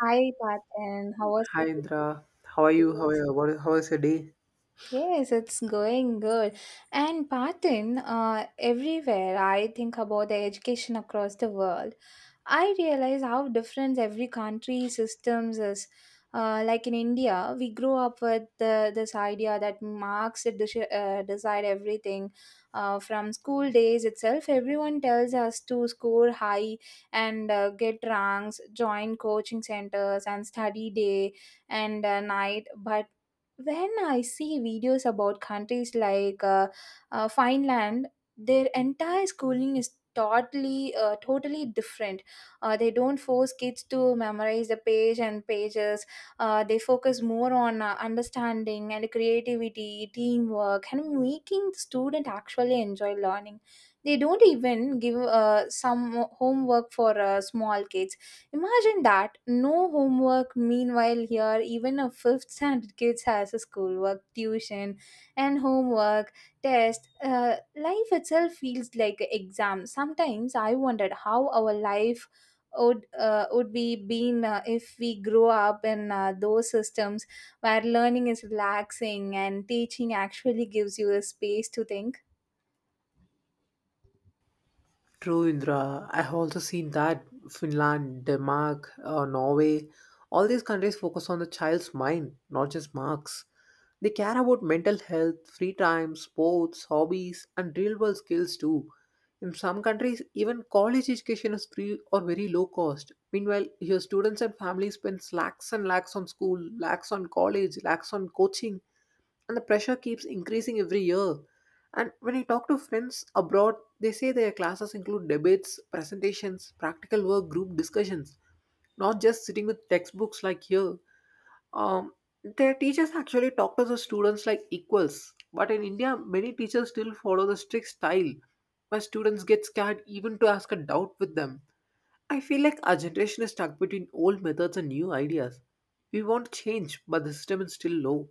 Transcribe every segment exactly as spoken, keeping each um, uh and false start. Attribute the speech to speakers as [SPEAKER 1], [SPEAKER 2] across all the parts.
[SPEAKER 1] Hi, Patan. How was
[SPEAKER 2] Hi Indra, how are you? How are
[SPEAKER 1] Yes,
[SPEAKER 2] you? What, how was your day?
[SPEAKER 1] Yes, it's going good. And Patan, uh, everywhere I think about the education across the world. I realize how different every country systems is. Uh, like in India, we grow up with the, this idea that marks deci- uh, decide everything. Uh, from school days itself, everyone tells us to score high and uh, get ranks, join coaching centers, and study day and uh, night. But when I see videos about countries like uh, uh, Finland, their entire schooling is totally, uh, totally different. Uh, they don't force kids to memorize the page and pages. Uh, they focus more on uh, understanding and creativity, teamwork, and making the student actually enjoy learning. They don't even give uh, some homework for uh, small kids. Imagine that, no homework. Meanwhile here, even a fifth standard kids has a schoolwork, tuition, and homework, test. Uh, life itself feels like an exam. Sometimes I wondered how our life would, uh, would we been uh, if we grow up in uh, those systems where learning is relaxing and teaching actually gives you a space to think.
[SPEAKER 2] True Indra, I have also seen that Finland, Denmark, uh, Norway, all these countries focus on the child's mind, not just marks. They care about mental health, free time, sports, hobbies, and real world skills too. In some countries, even college education is free or very low cost. Meanwhile, your students and families spend lakhs and lakhs on school, lakhs on college, lakhs on coaching, and the pressure keeps increasing every year. And when I talk to friends abroad, they say their classes include debates, presentations, practical work, group discussions, not just sitting with textbooks like here. Um, their teachers actually talk to the students like equals, but in India, many teachers still follow the strict style where students get scared even to ask a doubt with them. I feel like our generation is stuck between old methods and new ideas. We want change, but the system is still low.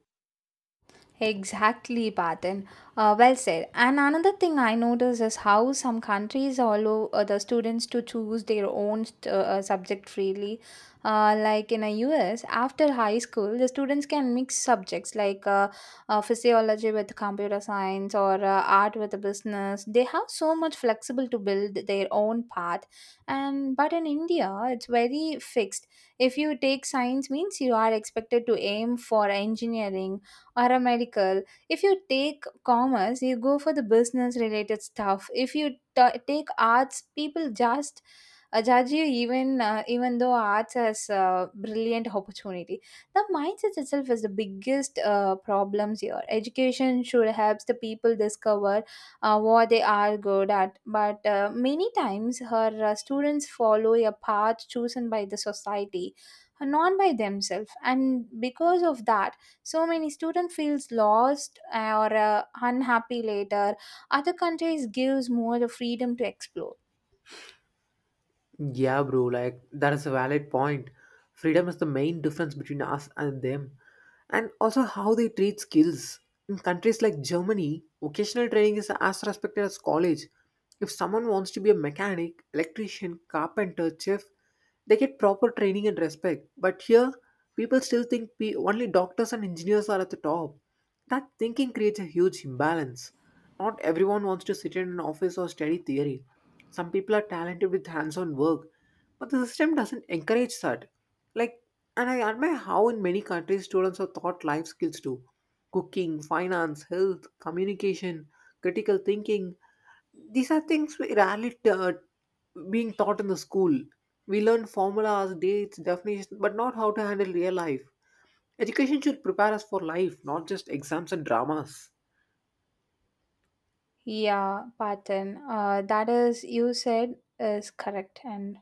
[SPEAKER 1] Exactly, Patan. Uh, well said. And another thing I notice is how some countries allow uh, the students to choose their own st- uh, uh, subject freely. Uh, like in the U S, after high school, the students can mix subjects like uh, uh, physiology with computer science or uh, art with the business. They have so much flexible to build their own path. And but in India, it's very fixed. If you take science, means you are expected to aim for engineering or a medical. If you take commerce, you go for the business related stuff. If you t- take arts, people just Ajajio, even uh, even though arts has a brilliant opportunity, the mindset itself is the biggest uh, problems here. Education should help the people discover uh, what they are good at, but uh, many times her uh, students follow a path chosen by the society, uh, not by themselves, and because of that, so many students feels lost or uh, unhappy later. Other countries gives more the freedom to explore.
[SPEAKER 2] Yeah, bro, like that is a valid point. Freedom is the main difference between us and them, and also how they treat skills. In countries like Germany, vocational training is as respected as college. If someone wants to be a mechanic, electrician, carpenter, chef, they get proper training and respect. But here, people still think pe- only doctors and engineers are at the top. That thinking creates a huge imbalance. Not everyone wants to sit in an office or study theory. Some people are talented with hands-on work, but the system doesn't encourage that. Like, and I admire how in many countries students are taught life skills too. Cooking, finance, health, communication, critical thinking. These are things we rarely t- uh, being taught in the school. We learn formulas, dates, definitions, but not how to handle real life. Education should prepare us for life, not just exams and dramas.
[SPEAKER 1] Yeah, pattern. Uh, that is, you said is correct, and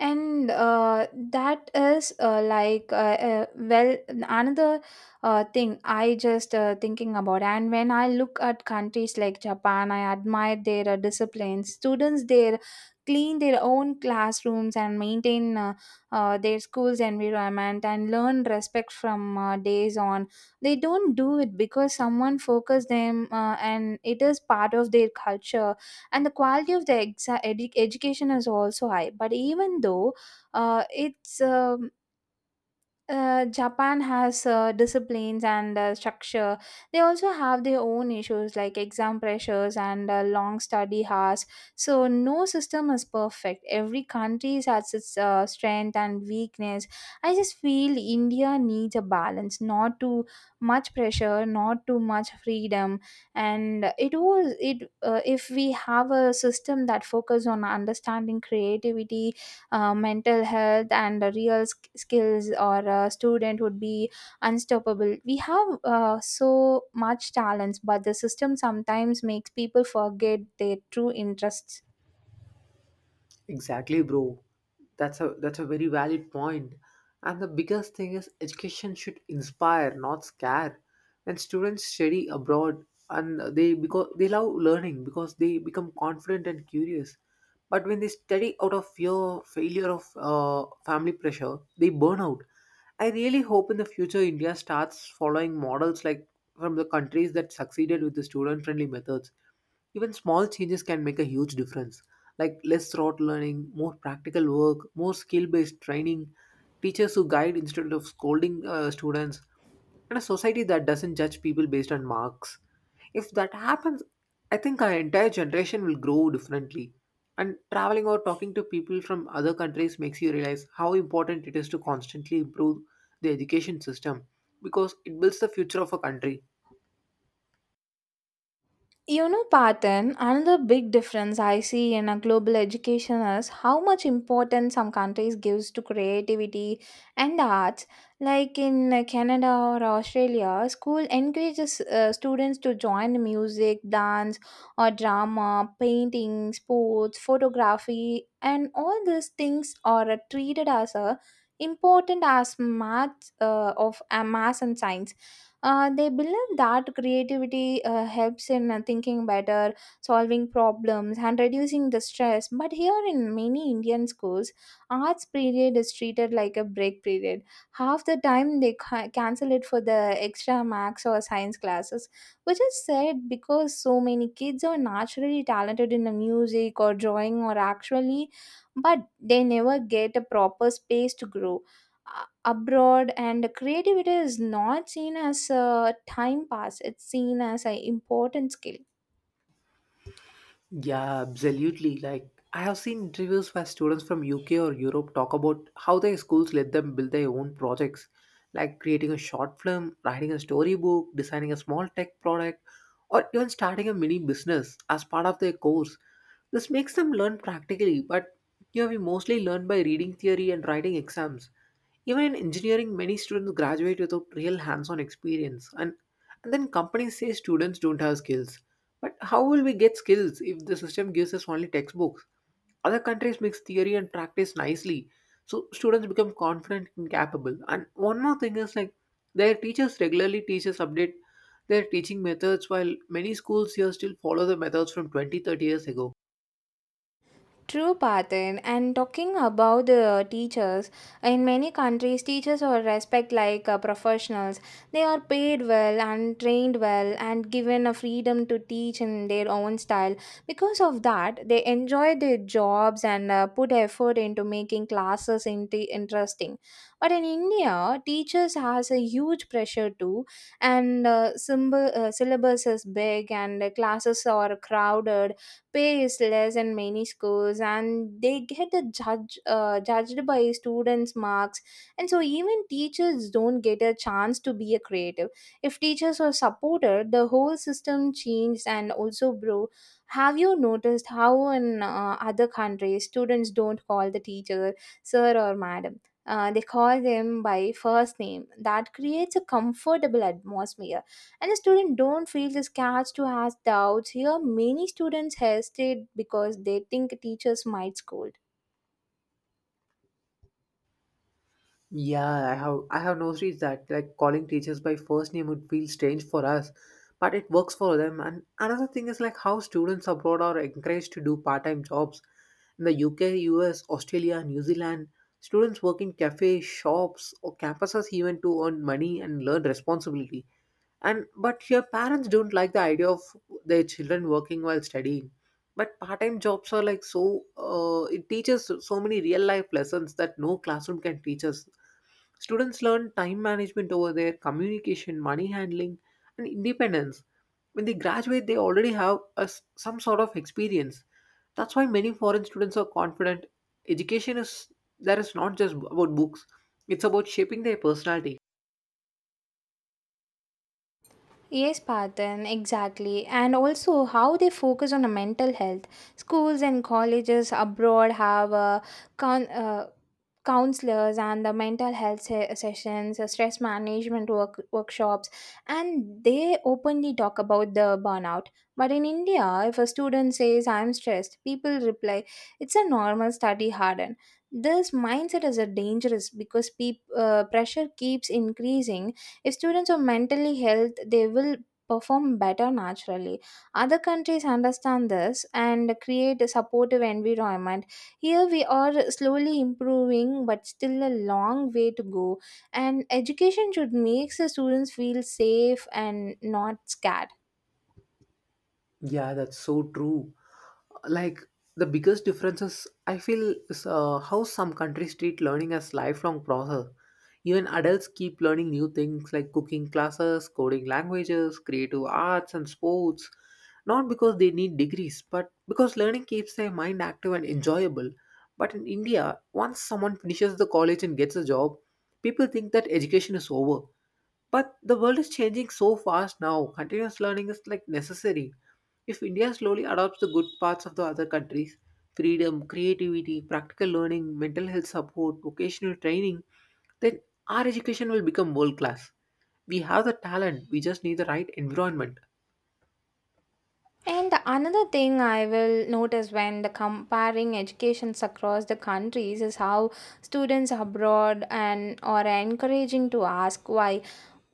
[SPEAKER 1] and uh, that is uh, like uh, uh, well, another uh, thing I just uh, thinking about, and when I look at countries like Japan, I admire their uh, discipline. Students there clean their own classrooms and maintain uh, uh, their school's environment and learn respect from uh, days on. They don't do it because someone focused them, uh, and it is part of their culture, and the quality of the exa- edu- education is also high. But even though uh, it's um uh, Japan has uh, disciplines and uh, structure. They also have their own issues like exam pressures and uh, long study hours. So no system is perfect. Every country has its uh, strength and weakness. I just feel India needs a balance, not too much pressure, not too much freedom. And it was it uh, if we have a system that focuses on understanding, creativity, uh, mental health, and uh, real sk- skills, or a student would be unstoppable. We have uh, so much talents, but the system sometimes makes people forget their true interests.
[SPEAKER 2] Exactly, bro. That's a that's a very valid point. And the biggest thing is education should inspire, not scare. When students study abroad and they because they love learning because they become confident and curious. But when they study out of fear, failure of uh, family pressure, they burn out. I really hope in the future India starts following models like from the countries that succeeded with the student friendly methods. Even small changes can make a huge difference, like less rote learning, more practical work, more skill based training, teachers who guide instead of scolding uh, students, and a society that doesn't judge people based on marks. If that happens, I think our entire generation will grow differently. And traveling or talking to people from other countries makes you realize how important it is to constantly improve the education system because it builds the future of a country.
[SPEAKER 1] You know, Patan, another big difference I see in a global education is how much importance some countries gives to creativity and the arts. Like in uh, Canada or Australia, school encourages uh, students to join music, dance, or drama, painting, sports, photography, and all these things are uh, treated as a important as math uh, of uh, math and science. Uh, they believe that creativity uh, helps in uh, thinking better, solving problems, and reducing the stress. But here in many Indian schools, arts period is treated like a break period. Half the time they ca- cancel it for the extra max or science classes, which is sad because so many kids are naturally talented in the music or drawing or actually, but they never get a proper space to grow abroad. And creativity is not seen as a time pass, it's seen as an important skill.
[SPEAKER 2] Yeah, absolutely. Like I have seen interviews where students from U K or Europe talk about how their schools let them build their own projects, like creating a short film, writing a storybook, designing a small tech product, or even starting a mini business as part of their course. This makes them learn practically, but here we mostly learn by reading theory and writing exams. Even in engineering, many students graduate without real hands-on experience, and, and then companies say students don't have skills. But how will we get skills if the system gives us only textbooks? Other countries mix theory and practice nicely, so students become confident and capable. And one more thing is like their teachers regularly teach us update their teaching methods, while many schools here still follow the methods from twenty, thirty years ago.
[SPEAKER 1] True, Patan. And talking about the teachers, in many countries, teachers are respect like uh, professionals. They are paid well and trained well and given a freedom to teach in their own style. Because of that, they enjoy their jobs and uh, put effort into making classes inti interesting. But in India, teachers has a huge pressure too, and uh, symbol, uh, syllabus is big and the classes are crowded, pay is less in many schools, and they get a judge uh, judged by students marks, and so even teachers don't get a chance to be a creative. If teachers are supported, the whole system changed. And also, bro, have you noticed how in uh, other countries students don't call the teacher sir or madam? Uh, they call them by first name. That creates a comfortable atmosphere and the student don't feel discouraged to ask doubts. Here many students hesitate because they think teachers might scold.
[SPEAKER 2] Yeah, I have I have noticed that, like calling teachers by first name would feel strange for us, but it works for them. And another thing is like how students abroad are encouraged to do part-time jobs. In the U K, U S, Australia, New Zealand, students work in cafes, shops, or campuses even to earn money and learn responsibility. And but your parents don't like the idea of their children working while studying. But part-time jobs are like so uh, it teaches so many real life lessons that no classroom can teach us. Students learn time management over there, communication, money handling, and independence. When they graduate, they already have a s some sort of experience. That's why many foreign students are confident. Education is there is not just about books; it's about shaping their personality.
[SPEAKER 1] Yes, Patan, exactly. And also how they focus on the mental health. Schools and colleges abroad have uh, con- uh, counselors and the mental health se- sessions, uh, stress management work- workshops, and they openly talk about the burnout. But in India, if a student says, I'm stressed, people reply, it's a normal study harden. This mindset is a dangerous because peop- uh, pressure keeps increasing. If students are mentally health, they will perform better naturally. Other countries understand this and create a supportive environment. Here we are slowly improving, but still a long way to go. And education should make the students feel safe and not scared.
[SPEAKER 2] Yeah, that's so true. Like the biggest differences I feel is uh, how some countries treat learning as lifelong process. Even adults keep learning new things like cooking classes, coding languages, creative arts and sports, not because they need degrees, but because learning keeps their mind active and enjoyable. But in India, once someone finishes the college and gets a job, people think that education is over. But the world is changing so fast now. Continuous learning is like necessary. If India slowly adopts the good parts of the other countries freedom, creativity, practical learning, mental health support, vocational training, then our education will become world class. We have the talent, we just need the right environment.
[SPEAKER 1] And another thing I will notice when the comparing educations across the countries is how students abroad and are encouraging to ask why.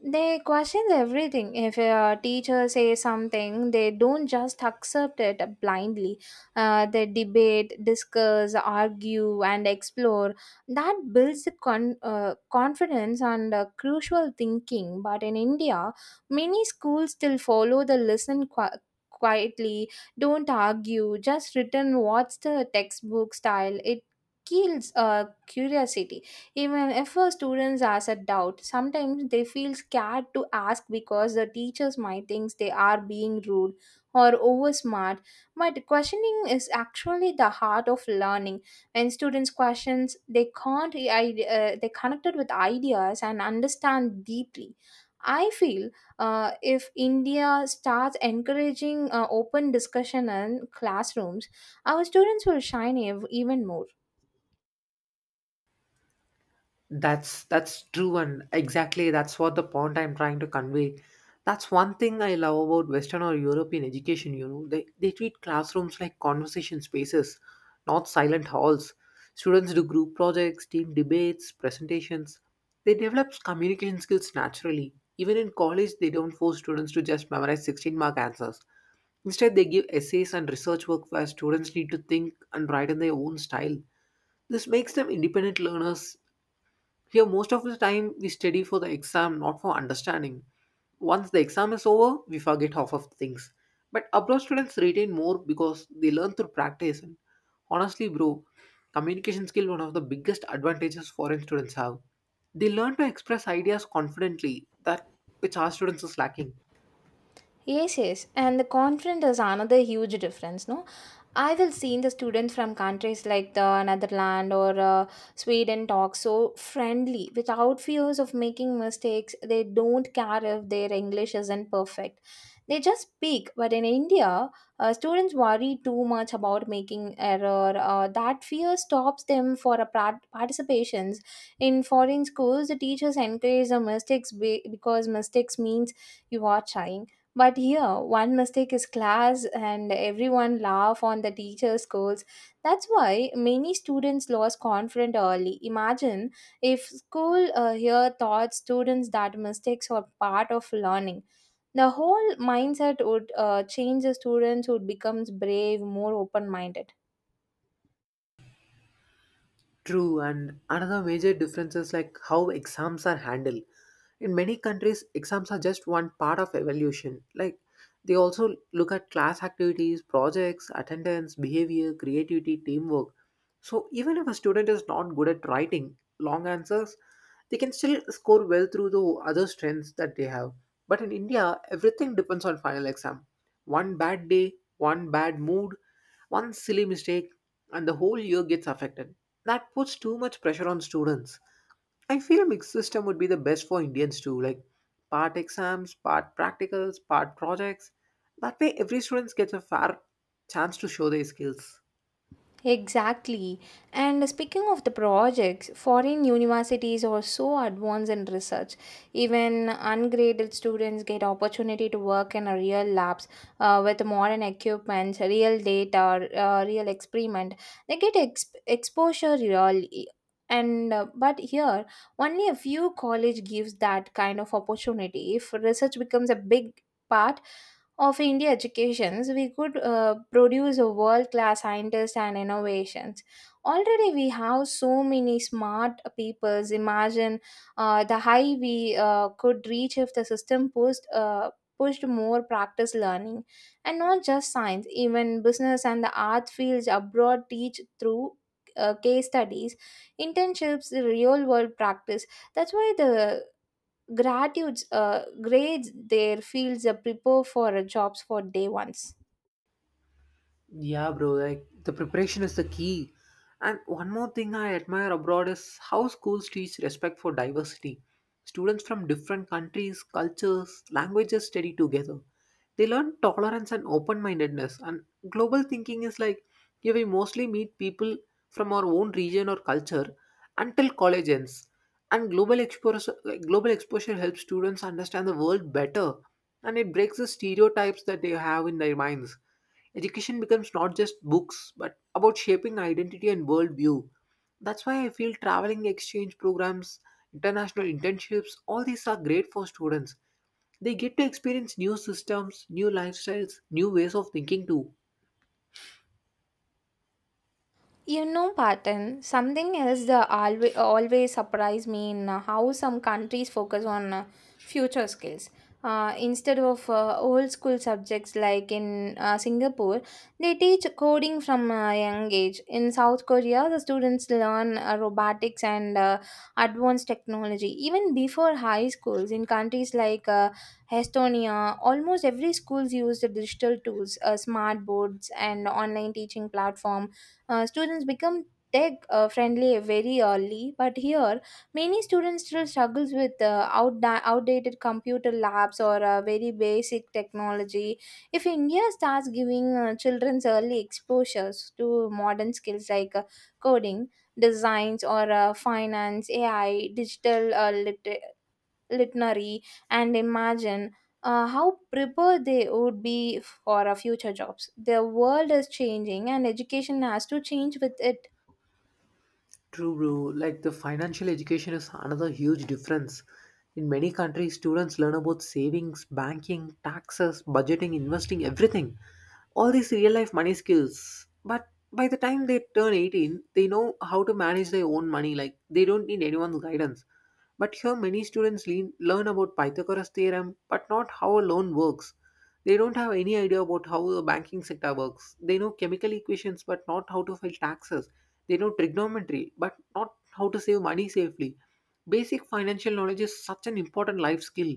[SPEAKER 1] They question everything. If a teacher says something, they don't just accept it blindly. Uh, they debate, discuss, argue, and explore. That builds the con- uh, confidence and uh, crucial thinking. But in India, many schools still follow the listen qu- quietly, don't argue, just return what's the textbook style. It kills uh, curiosity. Even if uh, students has a doubt, sometimes they feel scared to ask because the teachers might think they are being rude or over smart. But questioning is actually the heart of learning. When students questions, they can't uh, they connected with ideas and understand deeply. I feel uh, if India starts encouraging uh, open discussion in classrooms, our students will shine ev- even more.
[SPEAKER 2] That's that's true, and exactly that's what the point I'm trying to convey. That's one thing I love about Western or European education, you know. They they treat classrooms like conversation spaces, not silent halls. Students do group projects, team debates, presentations. They develop communication skills naturally. Even in college, they don't force students to just memorize sixteen mark answers. Instead, they give essays and research work where students need to think and write in their own style. This makes them independent learners. Here, most of the time, we study for the exam, not for understanding. Once the exam is over, we forget half of things. But abroad students retain more because they learn through practice. And honestly, bro, communication skill one of the biggest advantages foreign students have. They learn to express ideas confidently, that which our students is lacking.
[SPEAKER 1] Yes, yes, and the confidence is another huge difference. No, I will see the students from countries like the Netherlands or uh, Sweden talk so friendly without fears of making mistakes. They don't care if their English isn't perfect. They just speak. But in India, uh, students worry too much about making error. Uh, that fear stops them for a pra- participations in foreign schools. The teachers encourage the mistakes be- because mistakes means you are trying. But here, one mistake is class, and everyone laugh on the teacher's scolds. That's why many students lost confidence early. Imagine if school uh, here taught students that mistakes are part of learning. The whole mindset would uh, change. The students would become brave, more open-minded.
[SPEAKER 2] True, and another major difference is like how exams are handled. In many countries, exams are just one part of evaluation. Like they also look at class activities, projects, attendance, behavior, creativity, teamwork. So even if a student is not good at writing long answers, they can still score well through the other strengths that they have. But in India, everything depends on final exam. One bad day, one bad mood, one silly mistake, and the whole year gets affected. That puts too much pressure on students. I feel a mixed system would be the best for Indians too, like part exams, part practicals, part projects. That way, every student gets a fair chance to show their skills.
[SPEAKER 1] Exactly. And speaking of the projects, foreign universities are so advanced in research. Even ungraded students get opportunity to work in a real labs uh, with modern equipment, real data, uh, real experiment. They get exp- exposure really. And uh, but here, only a few college gives that kind of opportunity. If research becomes a big part of India educations, we could uh, produce a world-class scientists and innovations. Already, we have so many smart peoples. Imagine uh, the high we uh, could reach if the system pushed, uh, pushed more practice learning, and not just science. Even business and the art fields abroad teach through Uh, case studies, internships, real world practice. That's why the gratitudes uh, grades there fields uh, prepare for uh, jobs for day ones.
[SPEAKER 2] Yeah, bro, like the preparation is the key. And one more thing I admire abroad is how schools teach respect for diversity. Students from different countries, cultures, languages study together. They learn tolerance and open mindedness. And global thinking is like, yeah, we mostly meet people from our own region or culture until college ends. And global exposure, like, global exposure helps students understand the world better and it breaks the stereotypes that they have in their minds. Education becomes not just books, but about shaping identity and worldview. That's why I feel traveling exchange programs, international internships, all these are great for students. They get to experience new systems, new lifestyles, new ways of thinking too.
[SPEAKER 1] You know, Patan, something else that always, always surprise me in uh, how some countries focus on uh, future skills. Uh, instead of uh, old school subjects, like in uh, Singapore, they teach coding from a young age. In South Korea, the students learn uh, robotics and uh, advanced technology even before high schools. In countries like uh, Estonia, almost every schools use the digital tools, uh, smart boards, and online teaching platform. Uh, students become tech uh, friendly very early, but here many students still struggles with uh, outda- outdated computer labs or uh, very basic technology. If India starts giving uh, children's early exposures to modern skills like uh, coding, designs or uh, finance, A I, digital uh, lit- literary, and imagine uh, how prepared they would be for our future jobs. The world is changing and education has to change with it.
[SPEAKER 2] True, bro. Like the financial education is another huge difference. In many countries, students learn about savings, banking, taxes, budgeting, investing, everything. All these real life money skills. But by the time they turn eighteen, they know how to manage their own money. Like they don't need anyone's guidance. But here, many students lean, learn about Pythagoras theorem, but not how a loan works. They don't have any idea about how the banking sector works. They know chemical equations, but not how to file taxes. They know trigonometry, but not how to save money safely. Basic financial knowledge is such an important life skill,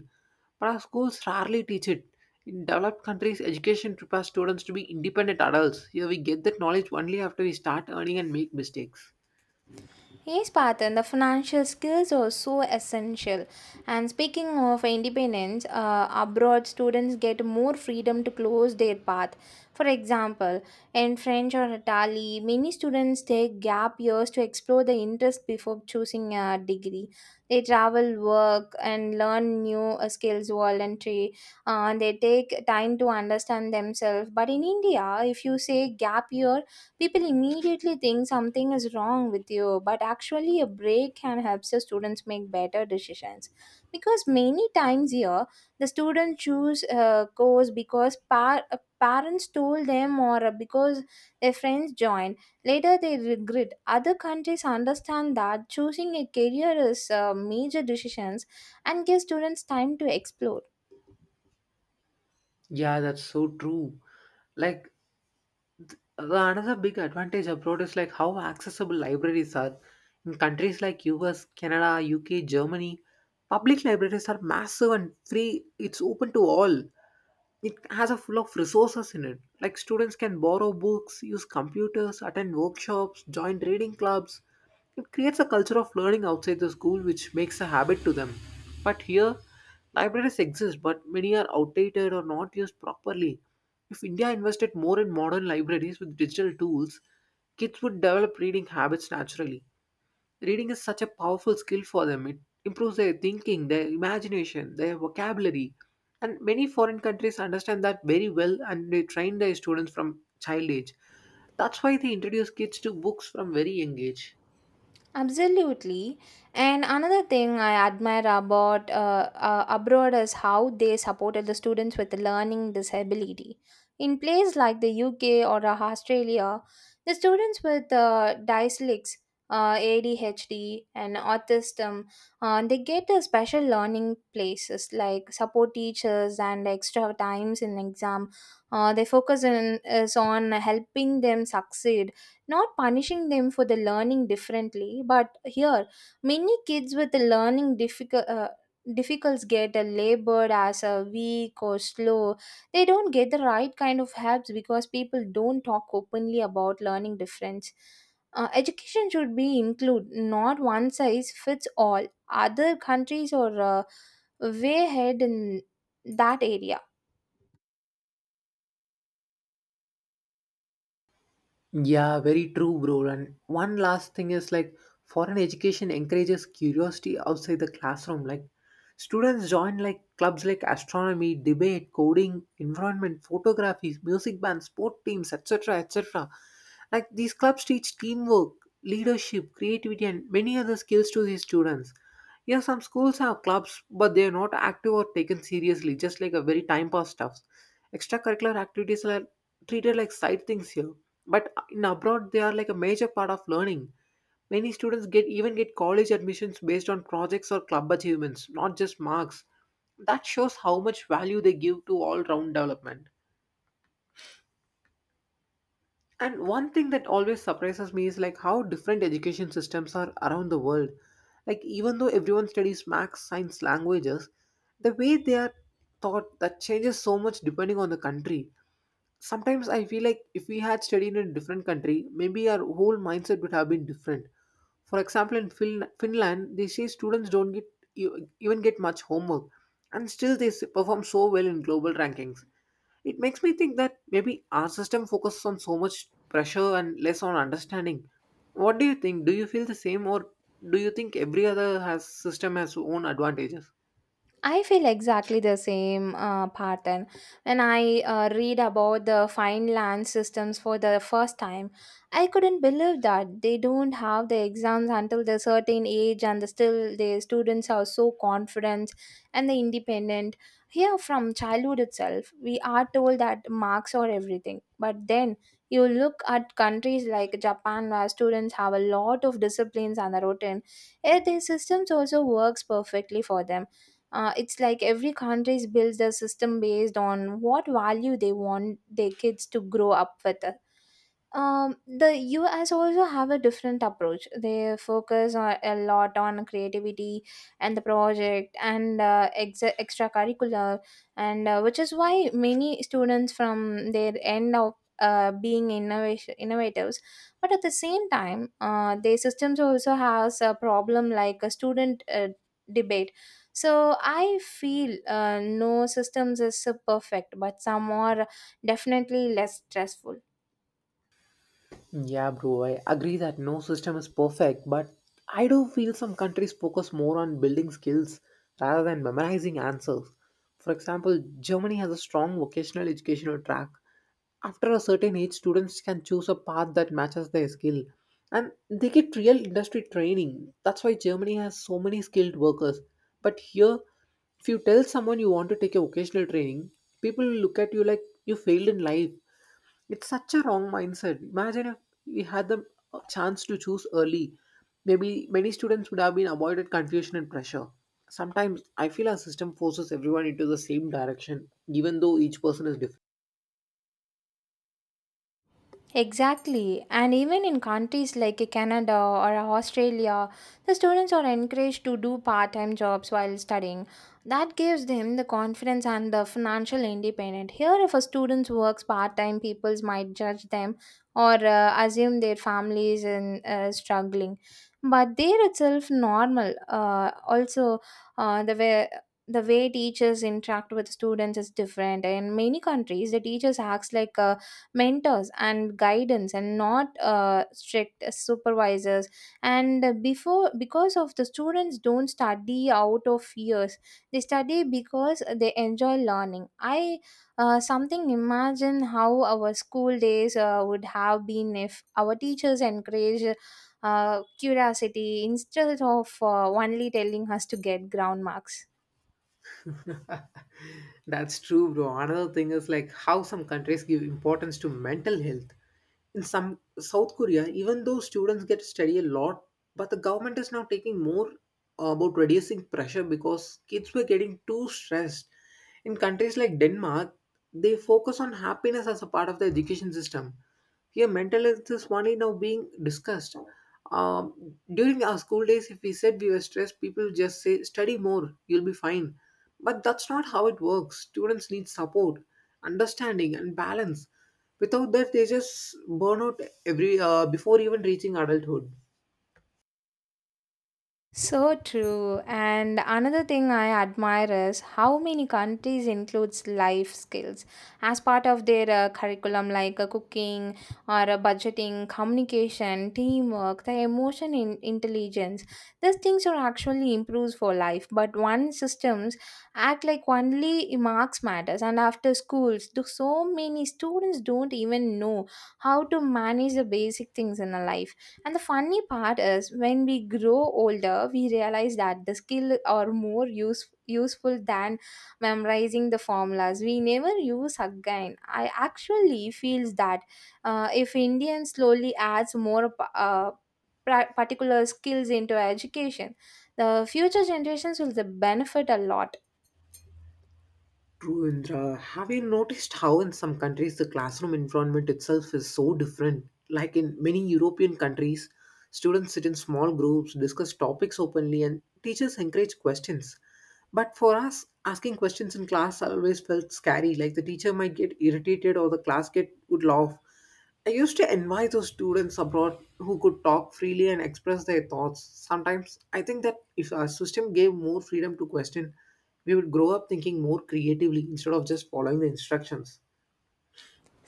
[SPEAKER 2] but our schools rarely teach it. In developed countries, education prepares students to be independent adults. Here, we get that knowledge only after we start earning and make mistakes.
[SPEAKER 1] Yes, Patan, the financial skills are so essential. And speaking of independence, uh, abroad students get more freedom to close their path. For example, in French or Italy, many students take gap years to explore the interest before choosing a degree. They travel, work, and learn new uh, skills voluntary. Uh, they take time to understand themselves. But in India, if you say gap year, people immediately think something is wrong with you, but actually a break can help the students make better decisions because many times here the students choose a course because par- uh, parents told them or uh, because their friends joined. Later they regret. Other countries understand that choosing a career is uh, major decisions and give students time to explore.
[SPEAKER 2] Yeah, that's so true. Like, The another big advantage abroad is like how accessible libraries are. In countries like U S, Canada, U K, Germany, public libraries are massive and free. It's open to all. It has a full of resources in it, like students can borrow books, use computers, attend workshops, join reading clubs. It creates a culture of learning outside the school which makes a habit to them. But here, libraries exist but many are outdated or not used properly. If India invested more in modern libraries with digital tools, kids would develop reading habits naturally. Reading is such a powerful skill for them. It improves their thinking, their imagination, their vocabulary. And many foreign countries understand that very well and they train their students from child age. That's why they introduce kids to books from very young age.
[SPEAKER 1] Absolutely. And another thing I admire about uh, uh, abroad is how they supported the students with learning disability. In places like the U K or uh, Australia, the students with uh, dyslex, uh, A D H D, and autism, uh, they get a special learning places like support teachers and extra times in exam. Uh, they focus in, is on helping them succeed, not punishing them for the learning differently. But here many kids with the learning difficult uh, difficulties get a labored as a weak or slow. They don't get the right kind of helps because people don't talk openly about learning difference. Uh, education should be include, not one size fits all. Other countries or uh, way ahead in that area.
[SPEAKER 2] Yeah, very true, bro. And one last thing is like foreign education encourages curiosity outside the classroom. Like students join like clubs like astronomy, debate, coding, environment, photography, music bands, sport teams, et cetera et cetera. Like these clubs teach teamwork, leadership, creativity, and many other skills to these students. Yeah, some schools have clubs, but they are not active or taken seriously, just like a very time pass stuff. Extracurricular activities are treated like side things here, but in abroad they are like a major part of learning. Many students get even get college admissions based on projects or club achievements, not just marks. That shows how much value they give to all-round development. And one thing that always surprises me is like how different education systems are around the world. Like even though everyone studies maths, science, languages, the way they are taught that changes so much depending on the country. Sometimes I feel like if we had studied in a different country, maybe our whole mindset would have been different. For example, in fin- Finland, they say students don't get e- even get much homework, and still they s- perform so well in global rankings. It makes me think that maybe our system focuses on so much pressure and less on understanding. What do you think? Do you feel the same, or do you think every other has system has own advantages?
[SPEAKER 1] I feel exactly the same uh, pattern. When I uh, read about the fine land systems for the first time, I couldn't believe that they don't have the exams until the certain age, and the, still the students are so confident and the independent. Here, from childhood itself, we are told that marks are everything. But then you look at countries like Japan, where students have a lot of disciplines and a routine. Yet their systems also works perfectly for them. Uh, it's like every country builds a system based on what value they want their kids to grow up with. Um the us also have a different approach. They focus on, a lot on creativity and the project and uh, ex- extracurricular, and uh, which is why many students from their end up uh, being innovation innovators. But at the same time, uh, their systems also has a problem like a student, uh, debate. So I feel uh, no systems is uh, perfect, but some are definitely less stressful.
[SPEAKER 2] Yeah, bro, I agree that no system is perfect, but I do feel some countries focus more on building skills rather than memorizing answers. For example, Germany has a strong vocational educational track. After a certain age, students can choose a path that matches their skill and they get real industry training. That's why Germany has so many skilled workers. But here, if you tell someone you want to take a vocational training, people will look at you like you failed in life. It's such a wrong mindset. Imagine if we had the uh, chance to choose early. Maybe many students would have been avoided confusion and pressure. Sometimes I feel our system forces everyone into the same direction, even though each person is different.
[SPEAKER 1] Exactly. And even in countries like Canada or Australia, the students are encouraged to do part time jobs while studying. That gives them the confidence and the financial independence. Here, if a student works part time, people might judge them or uh, assume their families in uh, struggling. But there itself normal. Uh, also, uh, the way the way teachers interact with students is different. In many countries, the teachers acts like a mentors and guidance, and not uh, strict supervisors. And before, because of the students don't study out of fears, they study because they enjoy learning. I uh, something imagine how our school days uh, would have been if our teachers encouraged uh, curiosity instead of uh, only telling us to get ground marks.
[SPEAKER 2] That's true, bro. Another thing is like how some countries give importance to mental health. In some South Korea, even though students get to study a lot, but the government is now taking more uh, about reducing pressure because kids were getting too stressed. In countries like Denmark, they focus on happiness as a part of the education system. Yeah, mental health is only now being discussed. Um, during our school days, if we said we were stressed, people just say, study more, you'll be fine. But that's not how it works. Students need support, understanding, and balance. Without that, they just burn out every uh, before even reaching adulthood.
[SPEAKER 1] So true. And another thing I admire is how many countries includes life skills as part of their uh, curriculum, like uh, cooking or uh, budgeting, communication, teamwork, the emotion in intelligence. These things are actually improved for life. But one systems act like only marks matters. And after schools, do so many students don't even know how to manage the basic things in a life. And the funny part is when we grow older, we realize that the skill are more use, useful than memorizing the formulas. We never use again. I actually feels that uh, if Indian slowly adds more uh, pra- particular skills into education, the future generations will the benefit a lot.
[SPEAKER 2] True, Indra. Have you noticed how in some countries the classroom environment itself is so different? Like in many European countries, students sit in small groups, discuss topics openly, and teachers encourage questions. But for us, asking questions in class always felt scary. Like the teacher might get irritated or the class get would laugh. I used to envy those students abroad who could talk freely and express their thoughts. Sometimes I think that if our system gave more freedom to question, we would grow up thinking more creatively instead of just following the instructions.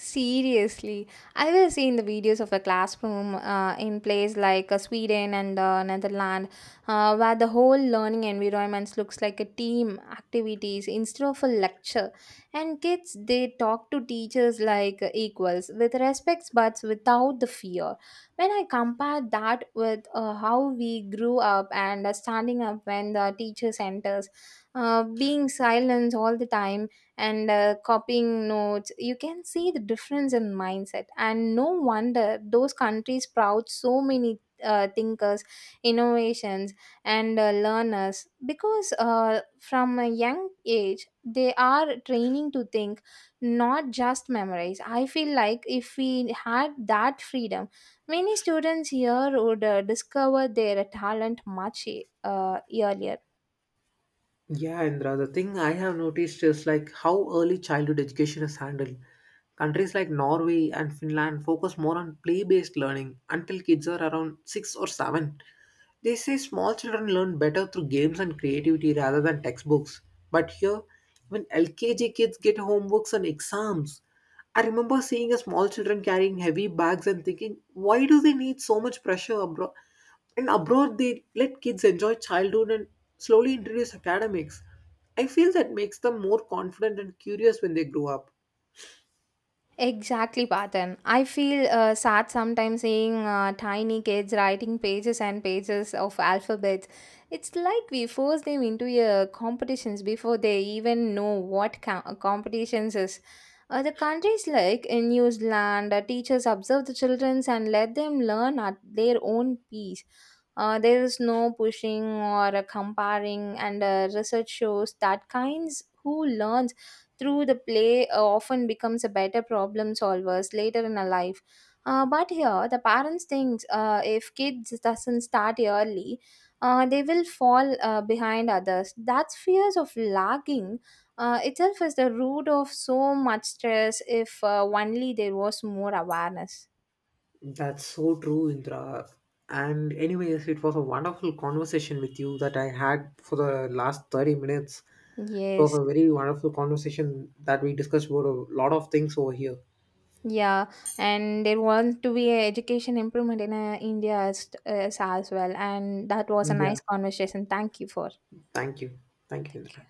[SPEAKER 1] Seriously, I will see in the videos of a classroom uh, in place like uh, Sweden and uh, Netherlands, uh, where the whole learning environments looks like a team activities instead of a lecture. And kids they talk to teachers like uh, equals with respects, but without the fear. When I compare that with uh, how we grew up and uh, standing up when the teacher enters, uh, being silent all the time and uh, copying notes, you can see the difference in mindset. And no wonder those countries proud so many uh, thinkers, innovations, and uh, learners, because uh, from a young age they are training to think, not just memorize. I feel like if we had that freedom, many students here would uh, discover their talent much uh, earlier.
[SPEAKER 2] Yeah, Indra, the thing I have noticed is like how early childhood education is handled. Countries like Norway and Finland focus more on play based learning until kids are around six or seven. They say small children learn better through games and creativity rather than textbooks. But here, even L K G kids get homeworks and exams. I remember seeing a small children carrying heavy bags and thinking, why do they need so much pressure abroad? And abroad, they let kids enjoy childhood and slowly introduce academics. I feel that makes them more confident and curious when they grow up.
[SPEAKER 1] Exactly, Patan. I feel uh, sad sometimes seeing uh, tiny kids writing pages and pages of alphabets. It's like we force them into uh, competitions before they even know what co- competitions is. Uh, the countries like in New Zealand, uh, teachers observe the children and let them learn at their own pace. Uh, there is no pushing or uh, comparing, and uh, research shows that kinds who learn through the play uh, often becomes a better problem solvers later in a life. Uh, but here, the parents think uh, if kids doesn't start early, uh, they will fall uh, behind others. That fears of lagging uh, itself is the root of so much stress. If uh, only there was more awareness.
[SPEAKER 2] That's so true, Indra. And anyways, it was a wonderful conversation with you that I had for the last thirty minutes. It was
[SPEAKER 1] Yes.
[SPEAKER 2] a very wonderful conversation that we discussed about a lot of things over here.
[SPEAKER 1] Yeah, and there want to be a education improvement in uh, India as, as as well. And that was a
[SPEAKER 2] Yeah.
[SPEAKER 1] nice conversation. Thank you for.
[SPEAKER 2] Thank you. Thank you,
[SPEAKER 1] Thank
[SPEAKER 2] Indra.
[SPEAKER 1] you.